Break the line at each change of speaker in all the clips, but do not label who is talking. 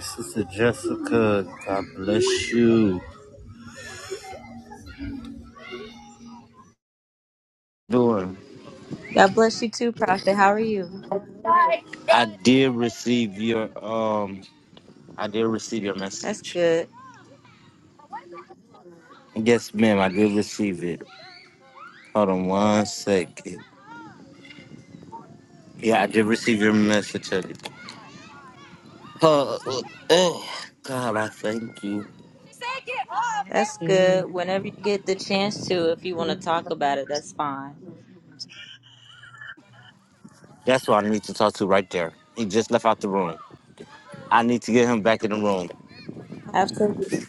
Sister Jessica, God bless you. Doing.
God bless you too, Prophet. How are you?
I did receive your um I did receive your
That's
message.
good.
Yes, ma'am, I did receive it. Hold on one second. Yeah, I did receive your message. honey. Oh, oh, oh, God, I thank you.
That's good. Whenever you get the chance to, if you want to talk about it, that's fine.
That's who I need to talk to right there. He just left out the room. I need to get him back in the room.
Absolutely.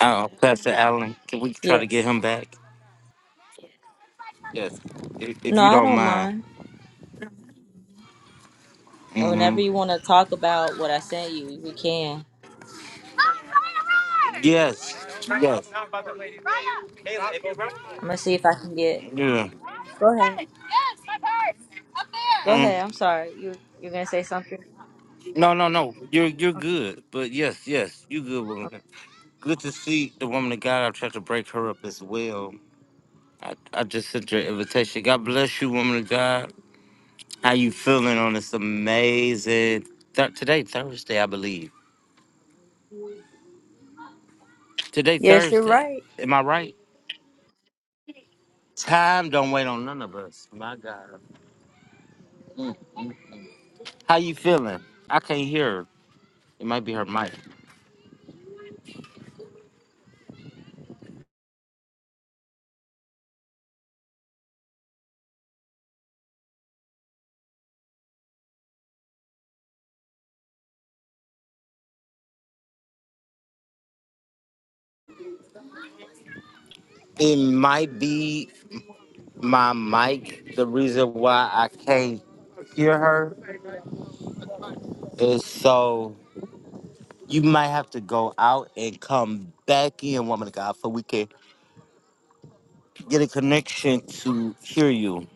Uh, Pastor Allen, can we try to get
Yes.
him back? Yes, if, if
No,
you
I
don't
don't
mind.
mind. And
Mm-hmm.
whenever you want to talk about what I sent you, we can.
Yes, yes. Yeah.
I'm gonna see if I can get. Go ahead. Go
Mm.
ahead. I'm sorry. You you're gonna say something?
No, no, no. You're you're good. But yes, yes, you good woman. Good to see the woman of God. I tried to break her up as well. I, I just sent your invitation. God bless you, woman of God. How you feeling on this amazing th- today Thursday, I believe. Today
Yes, you're
Thursday.
right.
Am I right? Time don't wait on none of us. My God. Mm. mm. How you feeling? I can't hear. Her. It might be her mic. It might be my mic. The reason why I can't hear her is so you might have to go out and come back in, woman of God, so we can get a connection to hear you.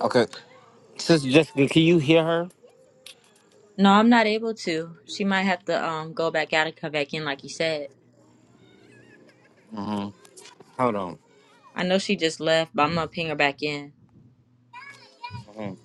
Okay. Sister Jessica, can you hear her?
No, I'm not able to. She might have to um go back out and come back in, like you said.
hmm Hold on.
I know she just left, but I'm gonna ping her back in.
Mhm.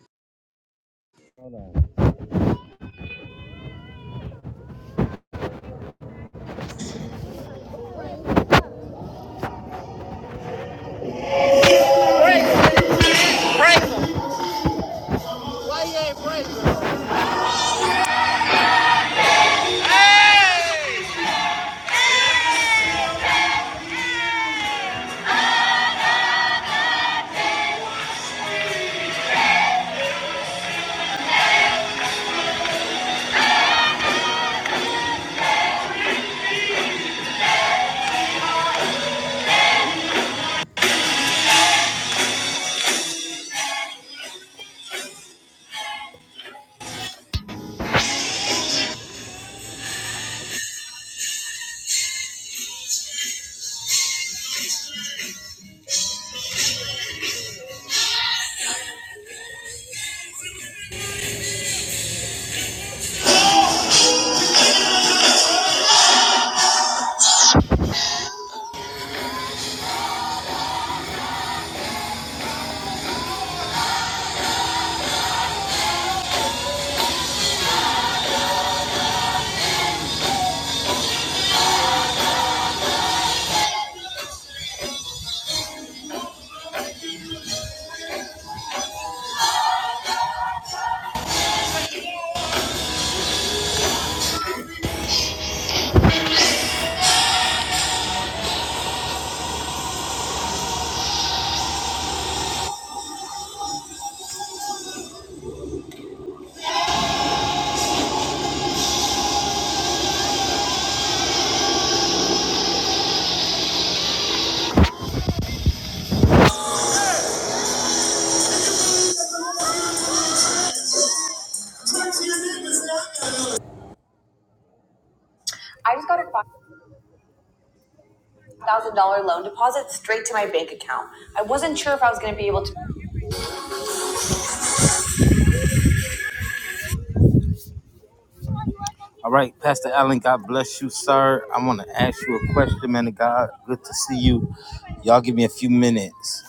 I just got a $5,000 loan deposit straight to my bank account. I wasn't sure if I was going to be able to. All right, Pastor Allen, God bless you, sir. I want to ask you a question, man of God. Good to see you. Y'all give me a few minutes.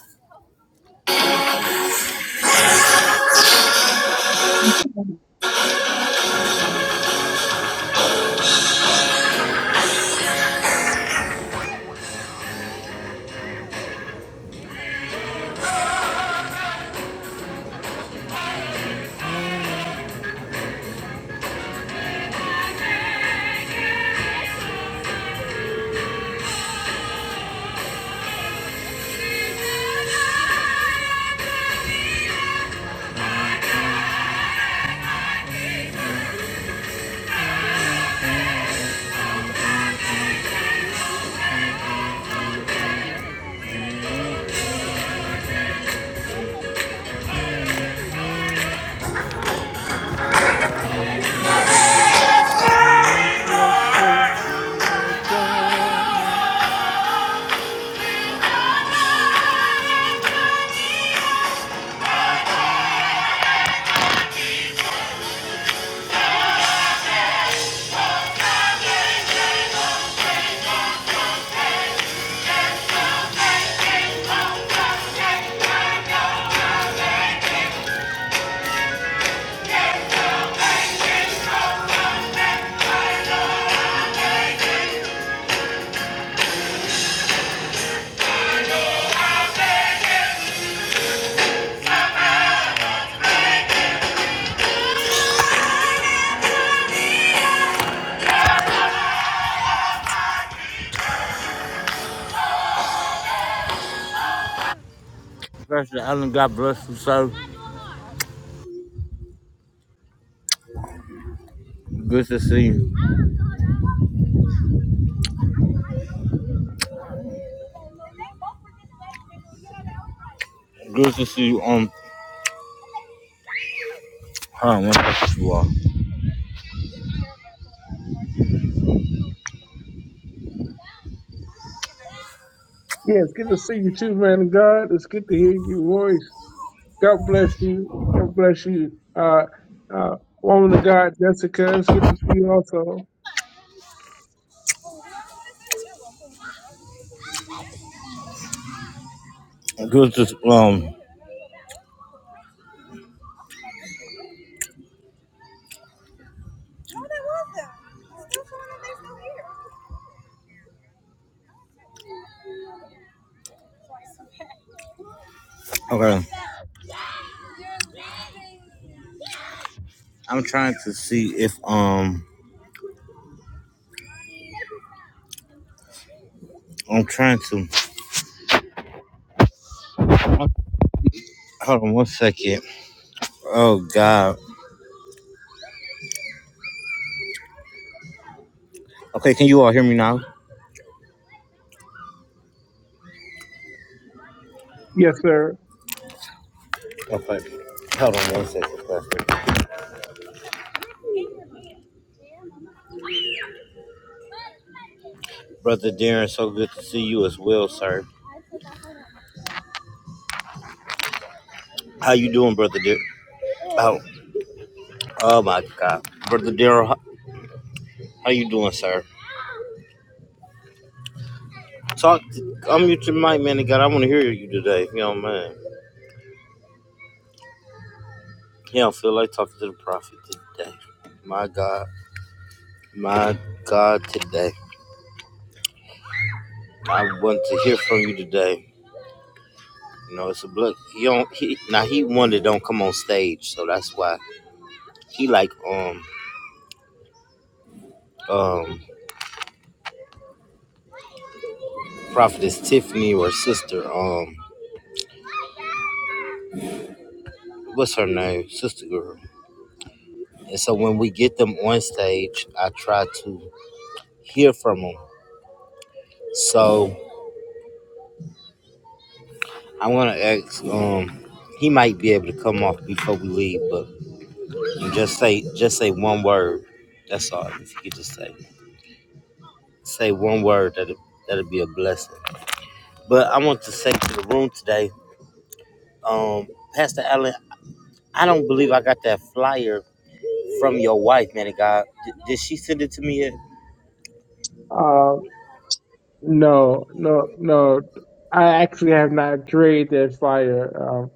Pastor Allen, God bless you, sir. Good to see you. Good to see you. Um, hold on, one second, you all.
Yeah, it's good to see you too, man of God. It's good to hear your voice. God bless you. God bless you. Uh, uh, woman of God, Jessica, it's good to see you also.
Good to um. Okay, I'm trying to see if um. I'm trying to hold on one second. Oh God. Okay, can you all hear me now?
Yes, sir.
Okay. Hold on one second, Pastor. Brother Darren, so good to see you as well, sir. How you doing, Brother Darren? Oh, Oh my God, brother Daryl, how, how you doing, sir? Talk. To, unmute your mic, man. of God, I want to hear you today. You know, man. He don't feel like talking to the prophet today. My God, my God, today. I want to hear from you today. You know, it's a blood. He don't. He now he wanted don't come on stage, so that's why he like um um prophetess Tiffany or sister um what's her name sister girl. And so when we get them on stage, I try to hear from them So I want to ask. Um, he might be able to come off before we leave, but just say just say one word. That's all. If you could just say say one word, that that'll be a blessing. But I want to say to the room today, um, Pastor Allen, I don't believe I got that flyer from your wife, man of God. D- did she send it to me yet?
Uh, no, no, no. I actually have not created that fire. Um,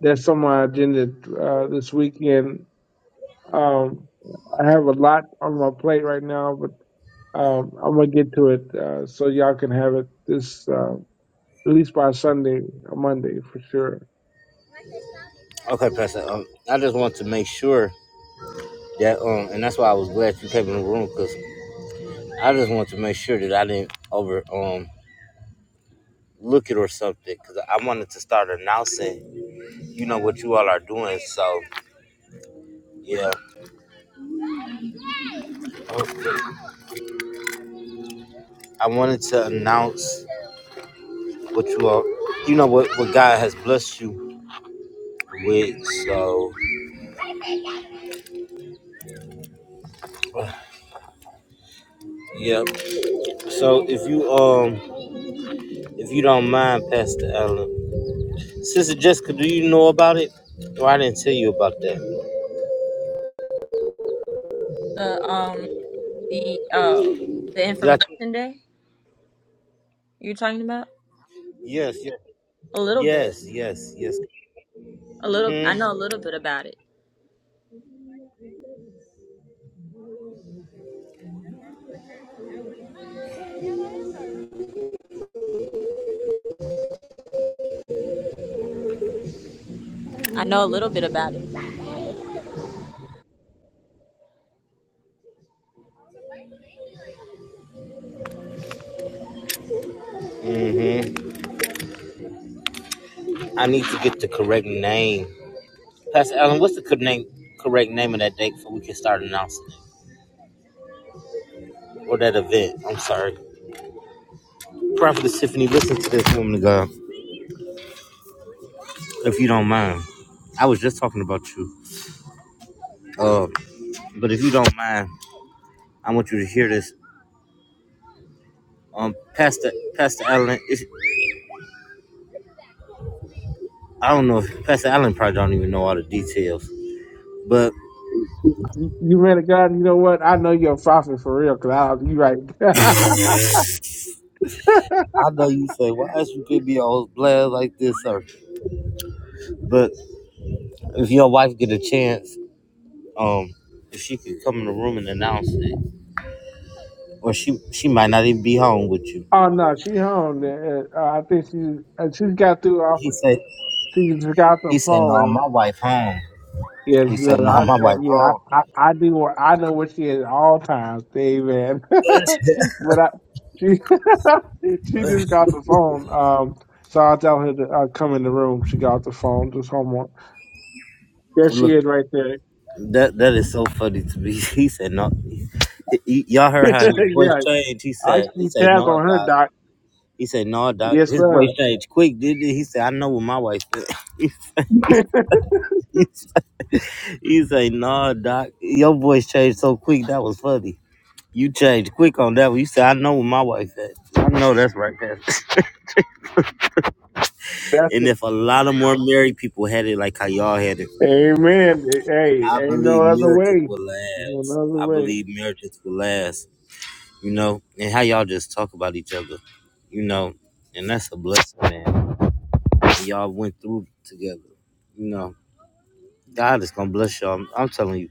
that's on my agenda uh, this weekend. Um, I have a lot on my plate right now, but um, I'm gonna get to it uh, so y'all can have it this. Um, at least by Sunday or Monday for sure.
Okay, Pastor. Um, I just want to make sure that um, and that's why I was glad you came in the room because I just want to make sure that I didn't overcome. look it or something because I wanted to start announcing, you know, what you all are doing. So, yeah, I wanted to announce what you all, you know, what, what God has blessed you with. So, yeah. So if you um if you don't mind, Pastor Allen, Sister Jessica, do you know about it? Or I didn't tell you about that.
The um The uh the
Did I?
information day you're talking about?
Yes, yes,
A little bit.
yes, yes, yes.
A little I
Hmm.
know a little bit about it. I know a little bit about it.
Mm-hmm. I need to get the correct name Pastor Allen, what's the correct name, correct name of that date before we can start announcing it? Or that event? I'm sorry. Prophet Tiffany, listen to this woman of God, if you don't mind. I was just talking about you. Uh, but if you don't mind, I want you to hear this. Um, Pastor Pastor Allen, it's, I don't know if Pastor Allen probably don't even know all the details, but
You you man of God, you know what? I know you're a prophet for real, cause I, you right.
I know you say, why is you could be all blessed like this, sir? But if your wife get a chance, um, if she could come in the room and announce it, or she she might not even be home with you.
oh no, she home. Uh, I think she uh, she's got through off.
He said
She just got the
he said no,
phone.
my wife home.
Yes,
He
no,
said no,
I,
my
uh,
wife
yeah,
home.
I, I, I do. where- I know where she is at all times. Amen. but I, she she just got the phone. Um, so I tell her to uh, come in the room. She got the phone. Just homework. There she
Look,
is, right there.
that that is so funny to me. He said no. He- he- y'all heard how his voice
yeah,
changed. He
I
said he
keep
said
tabs
no,
on her,
doc.
Doc.
He said no, doc.
Yes,
His
sir.
voice changed quick, didn't it? He said I know what my wife. Said.
That's
he said he said, no, doc. Your voice changed so quick. That was funny. You changed quick on that one. You said I know what my wife said. I know that's right, Pastor. And
it.
if a lot of more married people had it like how y'all had it,
Amen. Hey,
I
ain't
believe
no other
marriages
way.
will
No
last.
other
I
way.
believe marriages will last. You know, and how y'all just talk about each other. You know, and that's a blessing, man. And y'all went through together. You know, God is gonna bless y'all. I'm, I'm telling you,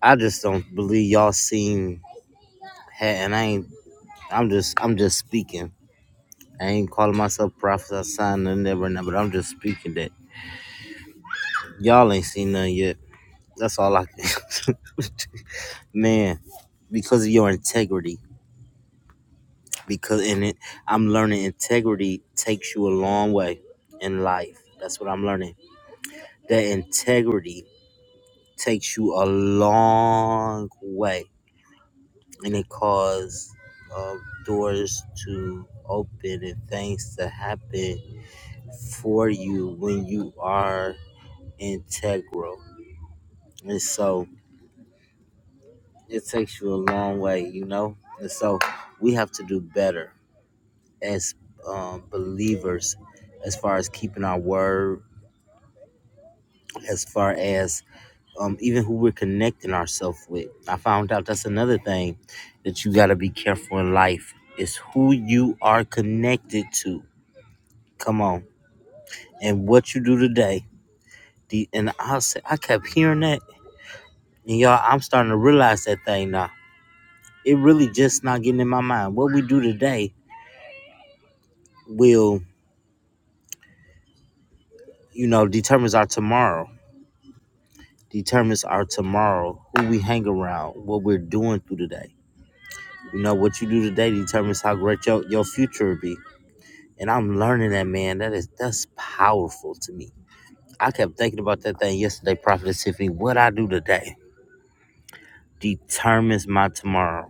I just don't believe y'all seen. ha- And I ain't. I'm just. I'm just speaking. I ain't calling myself prophet or sign nothing never now, but I'm just speaking that y'all ain't seen nothing yet. That's all I can. man because of your integrity. Because in it, I'm learning integrity takes you a long way in life. That's what I'm learning. That integrity takes you a long way, and it causes uh, doors to open and things to happen for you when you are integral. And so it takes you a long way, you know. And so we have to do better as um, believers, as far as keeping our word, as far as um, even who we're connecting ourselves with. I found out that's another thing that you got to be careful in life is who you are connected to. Come on, and what you do today. The, and I said I kept hearing that, and y'all, I'm starting to realize that thing now. It really just not getting in my mind. What we do today will, you know, determines our tomorrow determines our tomorrow, who we hang around, what we're doing through the day. You know, what you do today determines how great your, your future will be. And I'm learning that, man. That is that's powerful to me. I kept thinking about that thing yesterday, Prophet Tiffany. What I do today determines my tomorrow.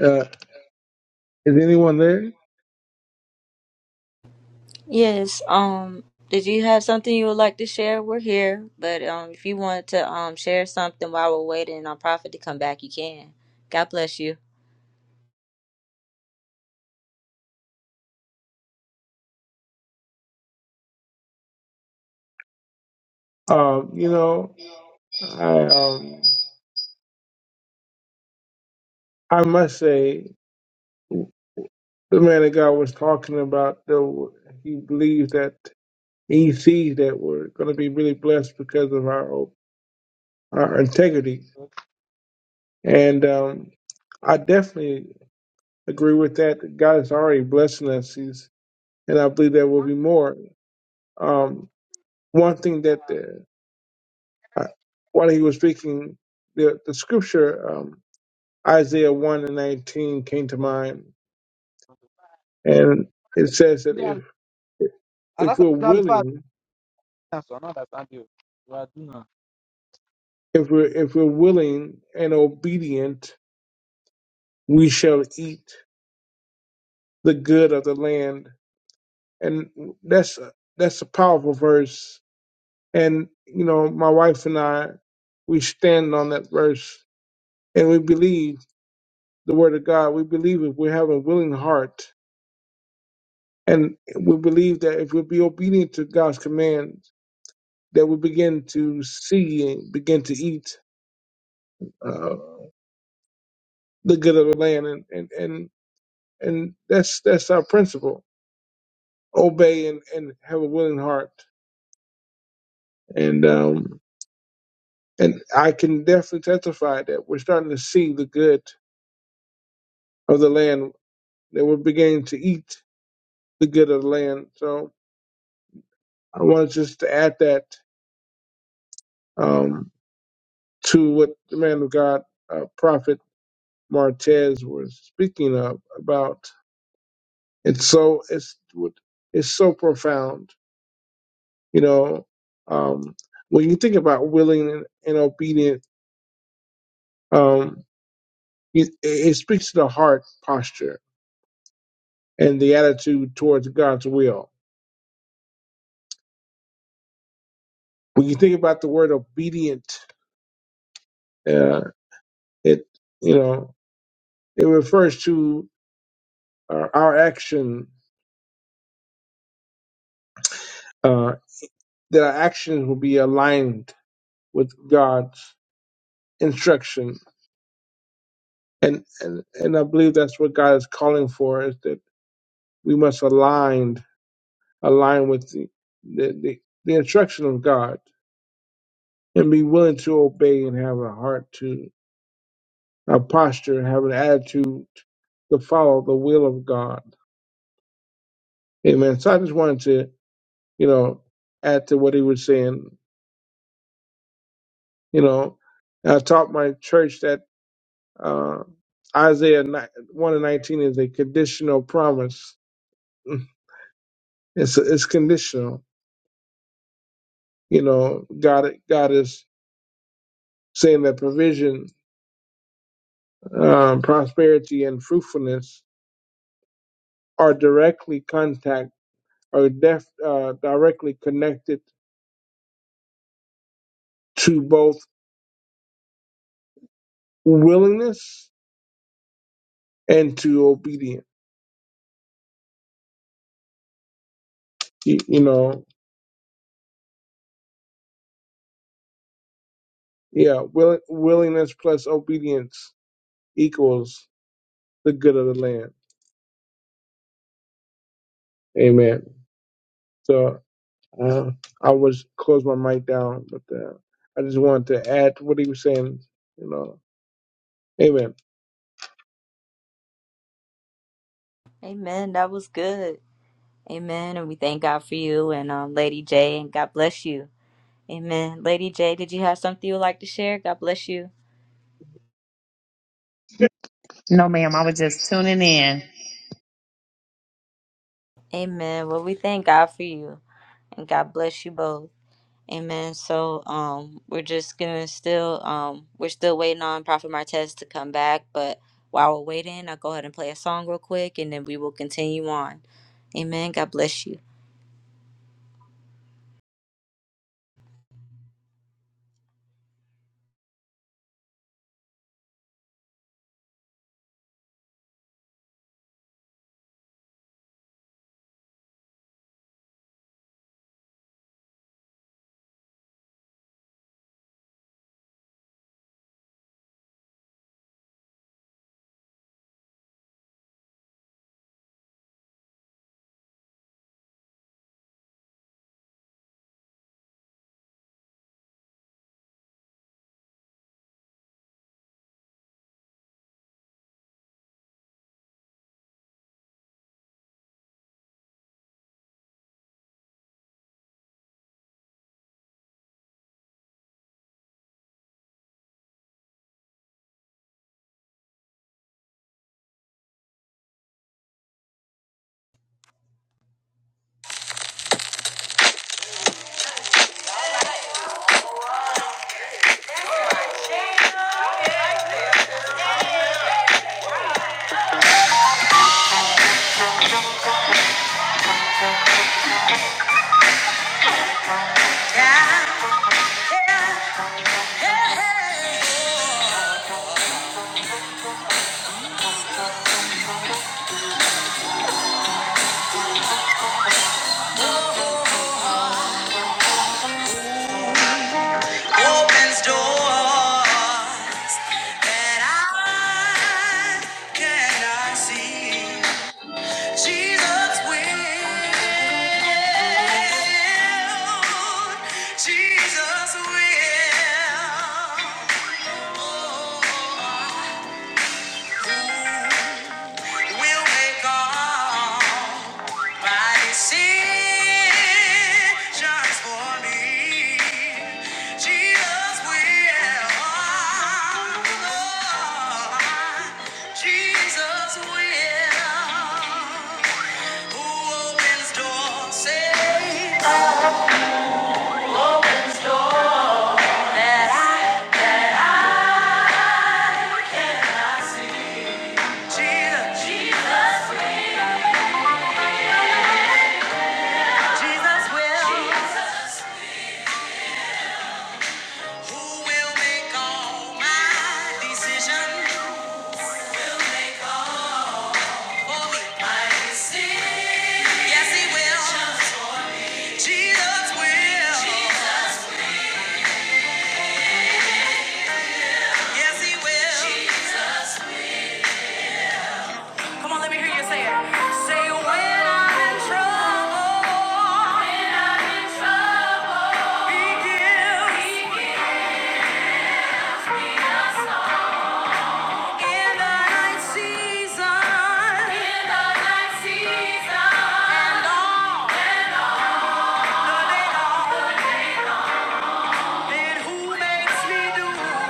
Uh, is anyone there?
Yes. Um did you have something you would like to share? We're here, but um if you want to um share something while we're waiting on Prophet to come back, you can. God bless you.
Um, you know, I um, I must say, the man of God was talking about the he believes that he sees that we're going to be really blessed because of our our integrity,
And
and um, I definitely agree with that. God is already blessing us. He's, and I believe there will be more. Um, one thing that uh, I- while he was speaking, the, the scripture um, Isaiah one and nineteen came to mind, and it says that if
that's why you
if we're
not
willing,
the answer, I don't understand you. You are doing
if we're if we're willing and obedient, we shall eat the good of the land, and that's a- that's a powerful verse. And you know, my wife and I, we stand on that verse, and we believe the word of God. We believe if we have a willing heart And we believe that if we'll be obedient to God's commands, that we begin to see and begin to eat uh, the good of the land, and and and, and that's that's our principle: obey and, and have a willing heart. And um, and I can definitely testify that we're starting to see the good of the land. That we're beginning to eat the good of the land. So I wanted just to add that um, to what the man of God, uh, prophet. Martez was speaking of about it's so it's it's so profound. You know, um, when you think about willing and, and obedient, um, it, it speaks to the heart posture and the attitude towards God's will. When you think about the word obedient, uh, it you know it refers to uh, our action uh, that our actions will be aligned with God's instruction and and and I believe that's what God is calling for is that we must align align with the the, the, the instruction of God and be willing to obey and have a heart to a posture and have an attitude to follow the will of God. Amen. So I just wanted to you know add to what he was saying. You know, I taught my church that uh, Isaiah ni- one and nineteen is a conditional promise. It's it's conditional You know, God God is saying that provision, um, prosperity, and fruitfulness are directly contact are def, uh, directly connected to both willingness and to obedience. You, you know, yeah, will, willingness plus obedience equals the good of the land. Amen. So uh, I was close my mic down, but uh, I just wanted to add to what he was saying. You know, Amen.
Amen. That was good. Amen. And we thank God for you and um Lady J and God bless you. Amen. Lady J, did you have something you would like to share? God bless you.
No, ma'am. I was just tuning in.
Amen. Well, we thank God for you. and God bless you both. Amen. So um we're just gonna still um we're still waiting on Prophet Martez to come back, but while we're waiting, I'll go ahead and play a song real quick and then we will continue on. Amen. God bless you. Opens door that I cannot see. Jesus will. Jesus will. Oh. oh, oh will make all my decisions for me. Jesus will. Oh, Jesus will. Who opens doors, saves. Opens doors. That I Jesus, Jesus will. Who will make all my decisions? Yes, he will. Jesus will. Yes, he will. Come on, let me hear you say it. Say when I'm in trouble, he gives. In the night season and all the day who makes me do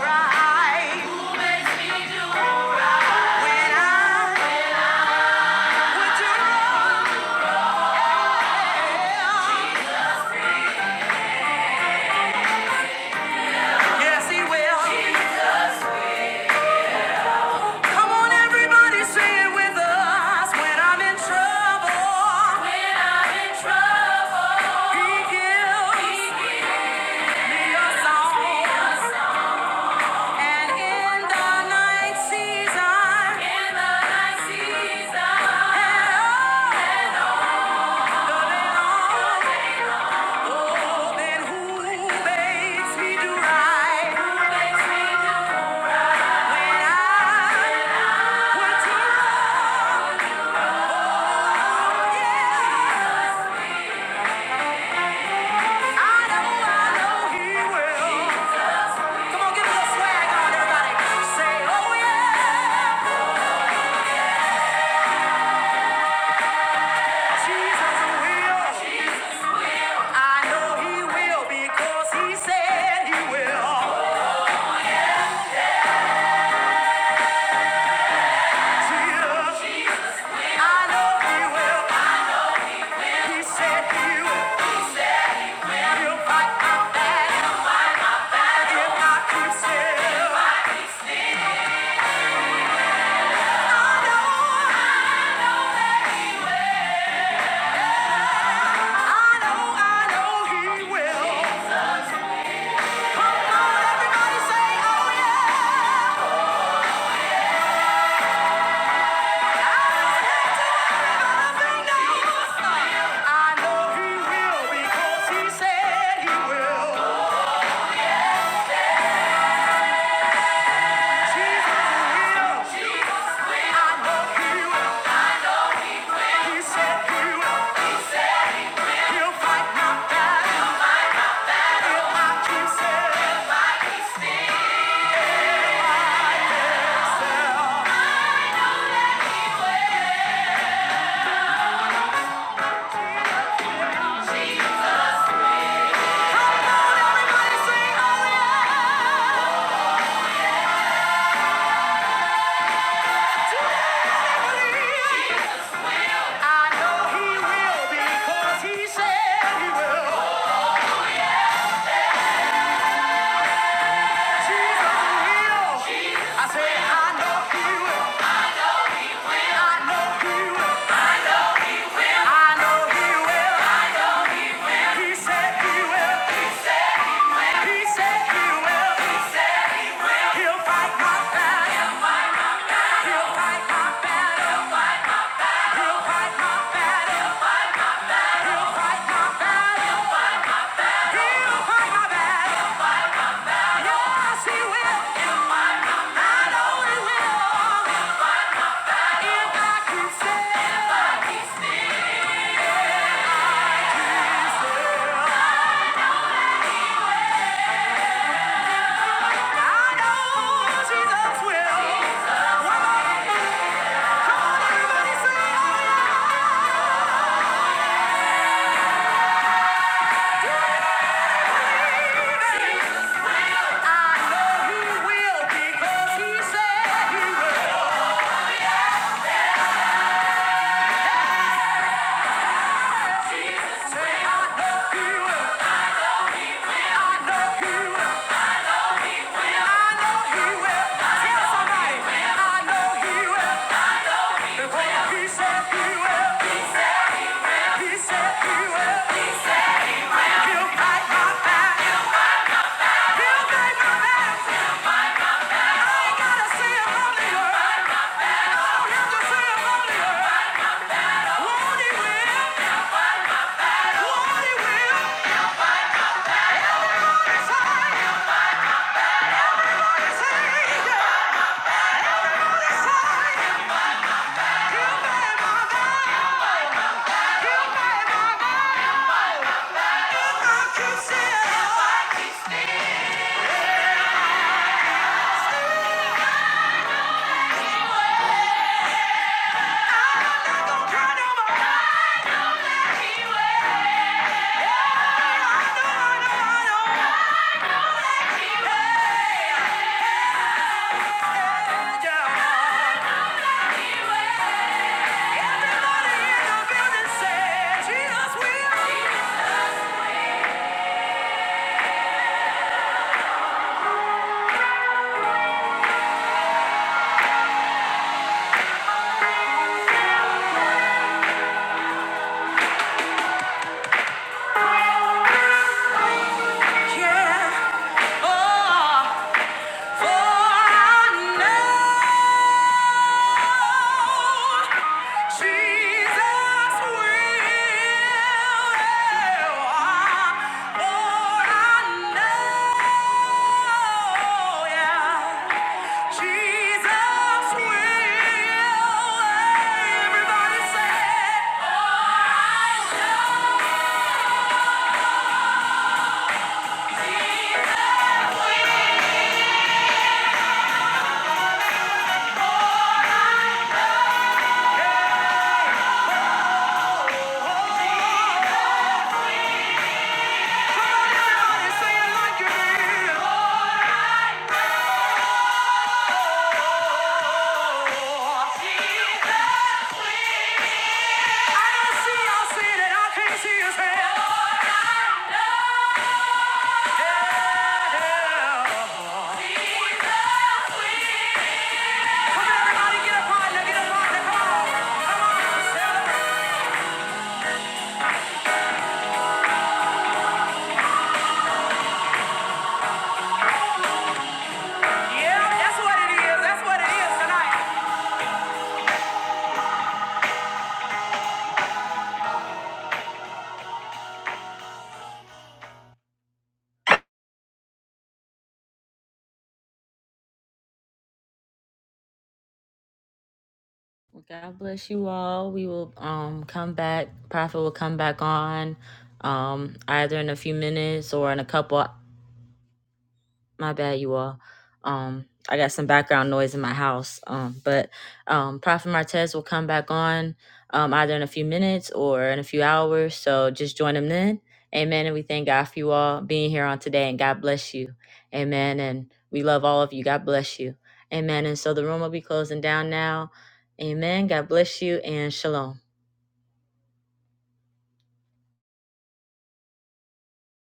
right? Who makes me do right? When I would do wrong? Yes, he will. Jesus Come on, everybody, say it with us. When I'm in trouble. When I'm in trouble. He gives. He gives. Me a song. And in the night season, in the night season, and oh, and oh, then who makes me do right? Who makes me do right? When I would do wrong, I know, I know He will. Come on, give me swag on everybody. Say, oh yeah, Jesus will. I know he will because he said he will. I know he will. He said he will. He'll fight my battle if I could sell. I know, I know, I know he will. Come on, everybody say, oh yeah. I know he will because he said he will. I know he will. I know he will. I know he will. He said he will. He said he will. He'll fight my battle. He'll fight my battle. He'll fight my battle. He'll fight my battle. He'll fight my battle. Yes, he will. I know he will. If I keep still, I know Jesus will. Well, Yeah. Yeah. Yeah. Oh, for I know. I can't see his hand. Well, God bless you all. We will um come back. Prophet will come back on um either in a few minutes or in a couple my bad you all um i got some background noise in my house um but um prophet martez will come back on um either in a few minutes or in a few hours so just join him then amen and we thank god for you all being here on today and god bless you amen and we love all of you god bless you amen and so the room will be closing down now amen god bless you and shalom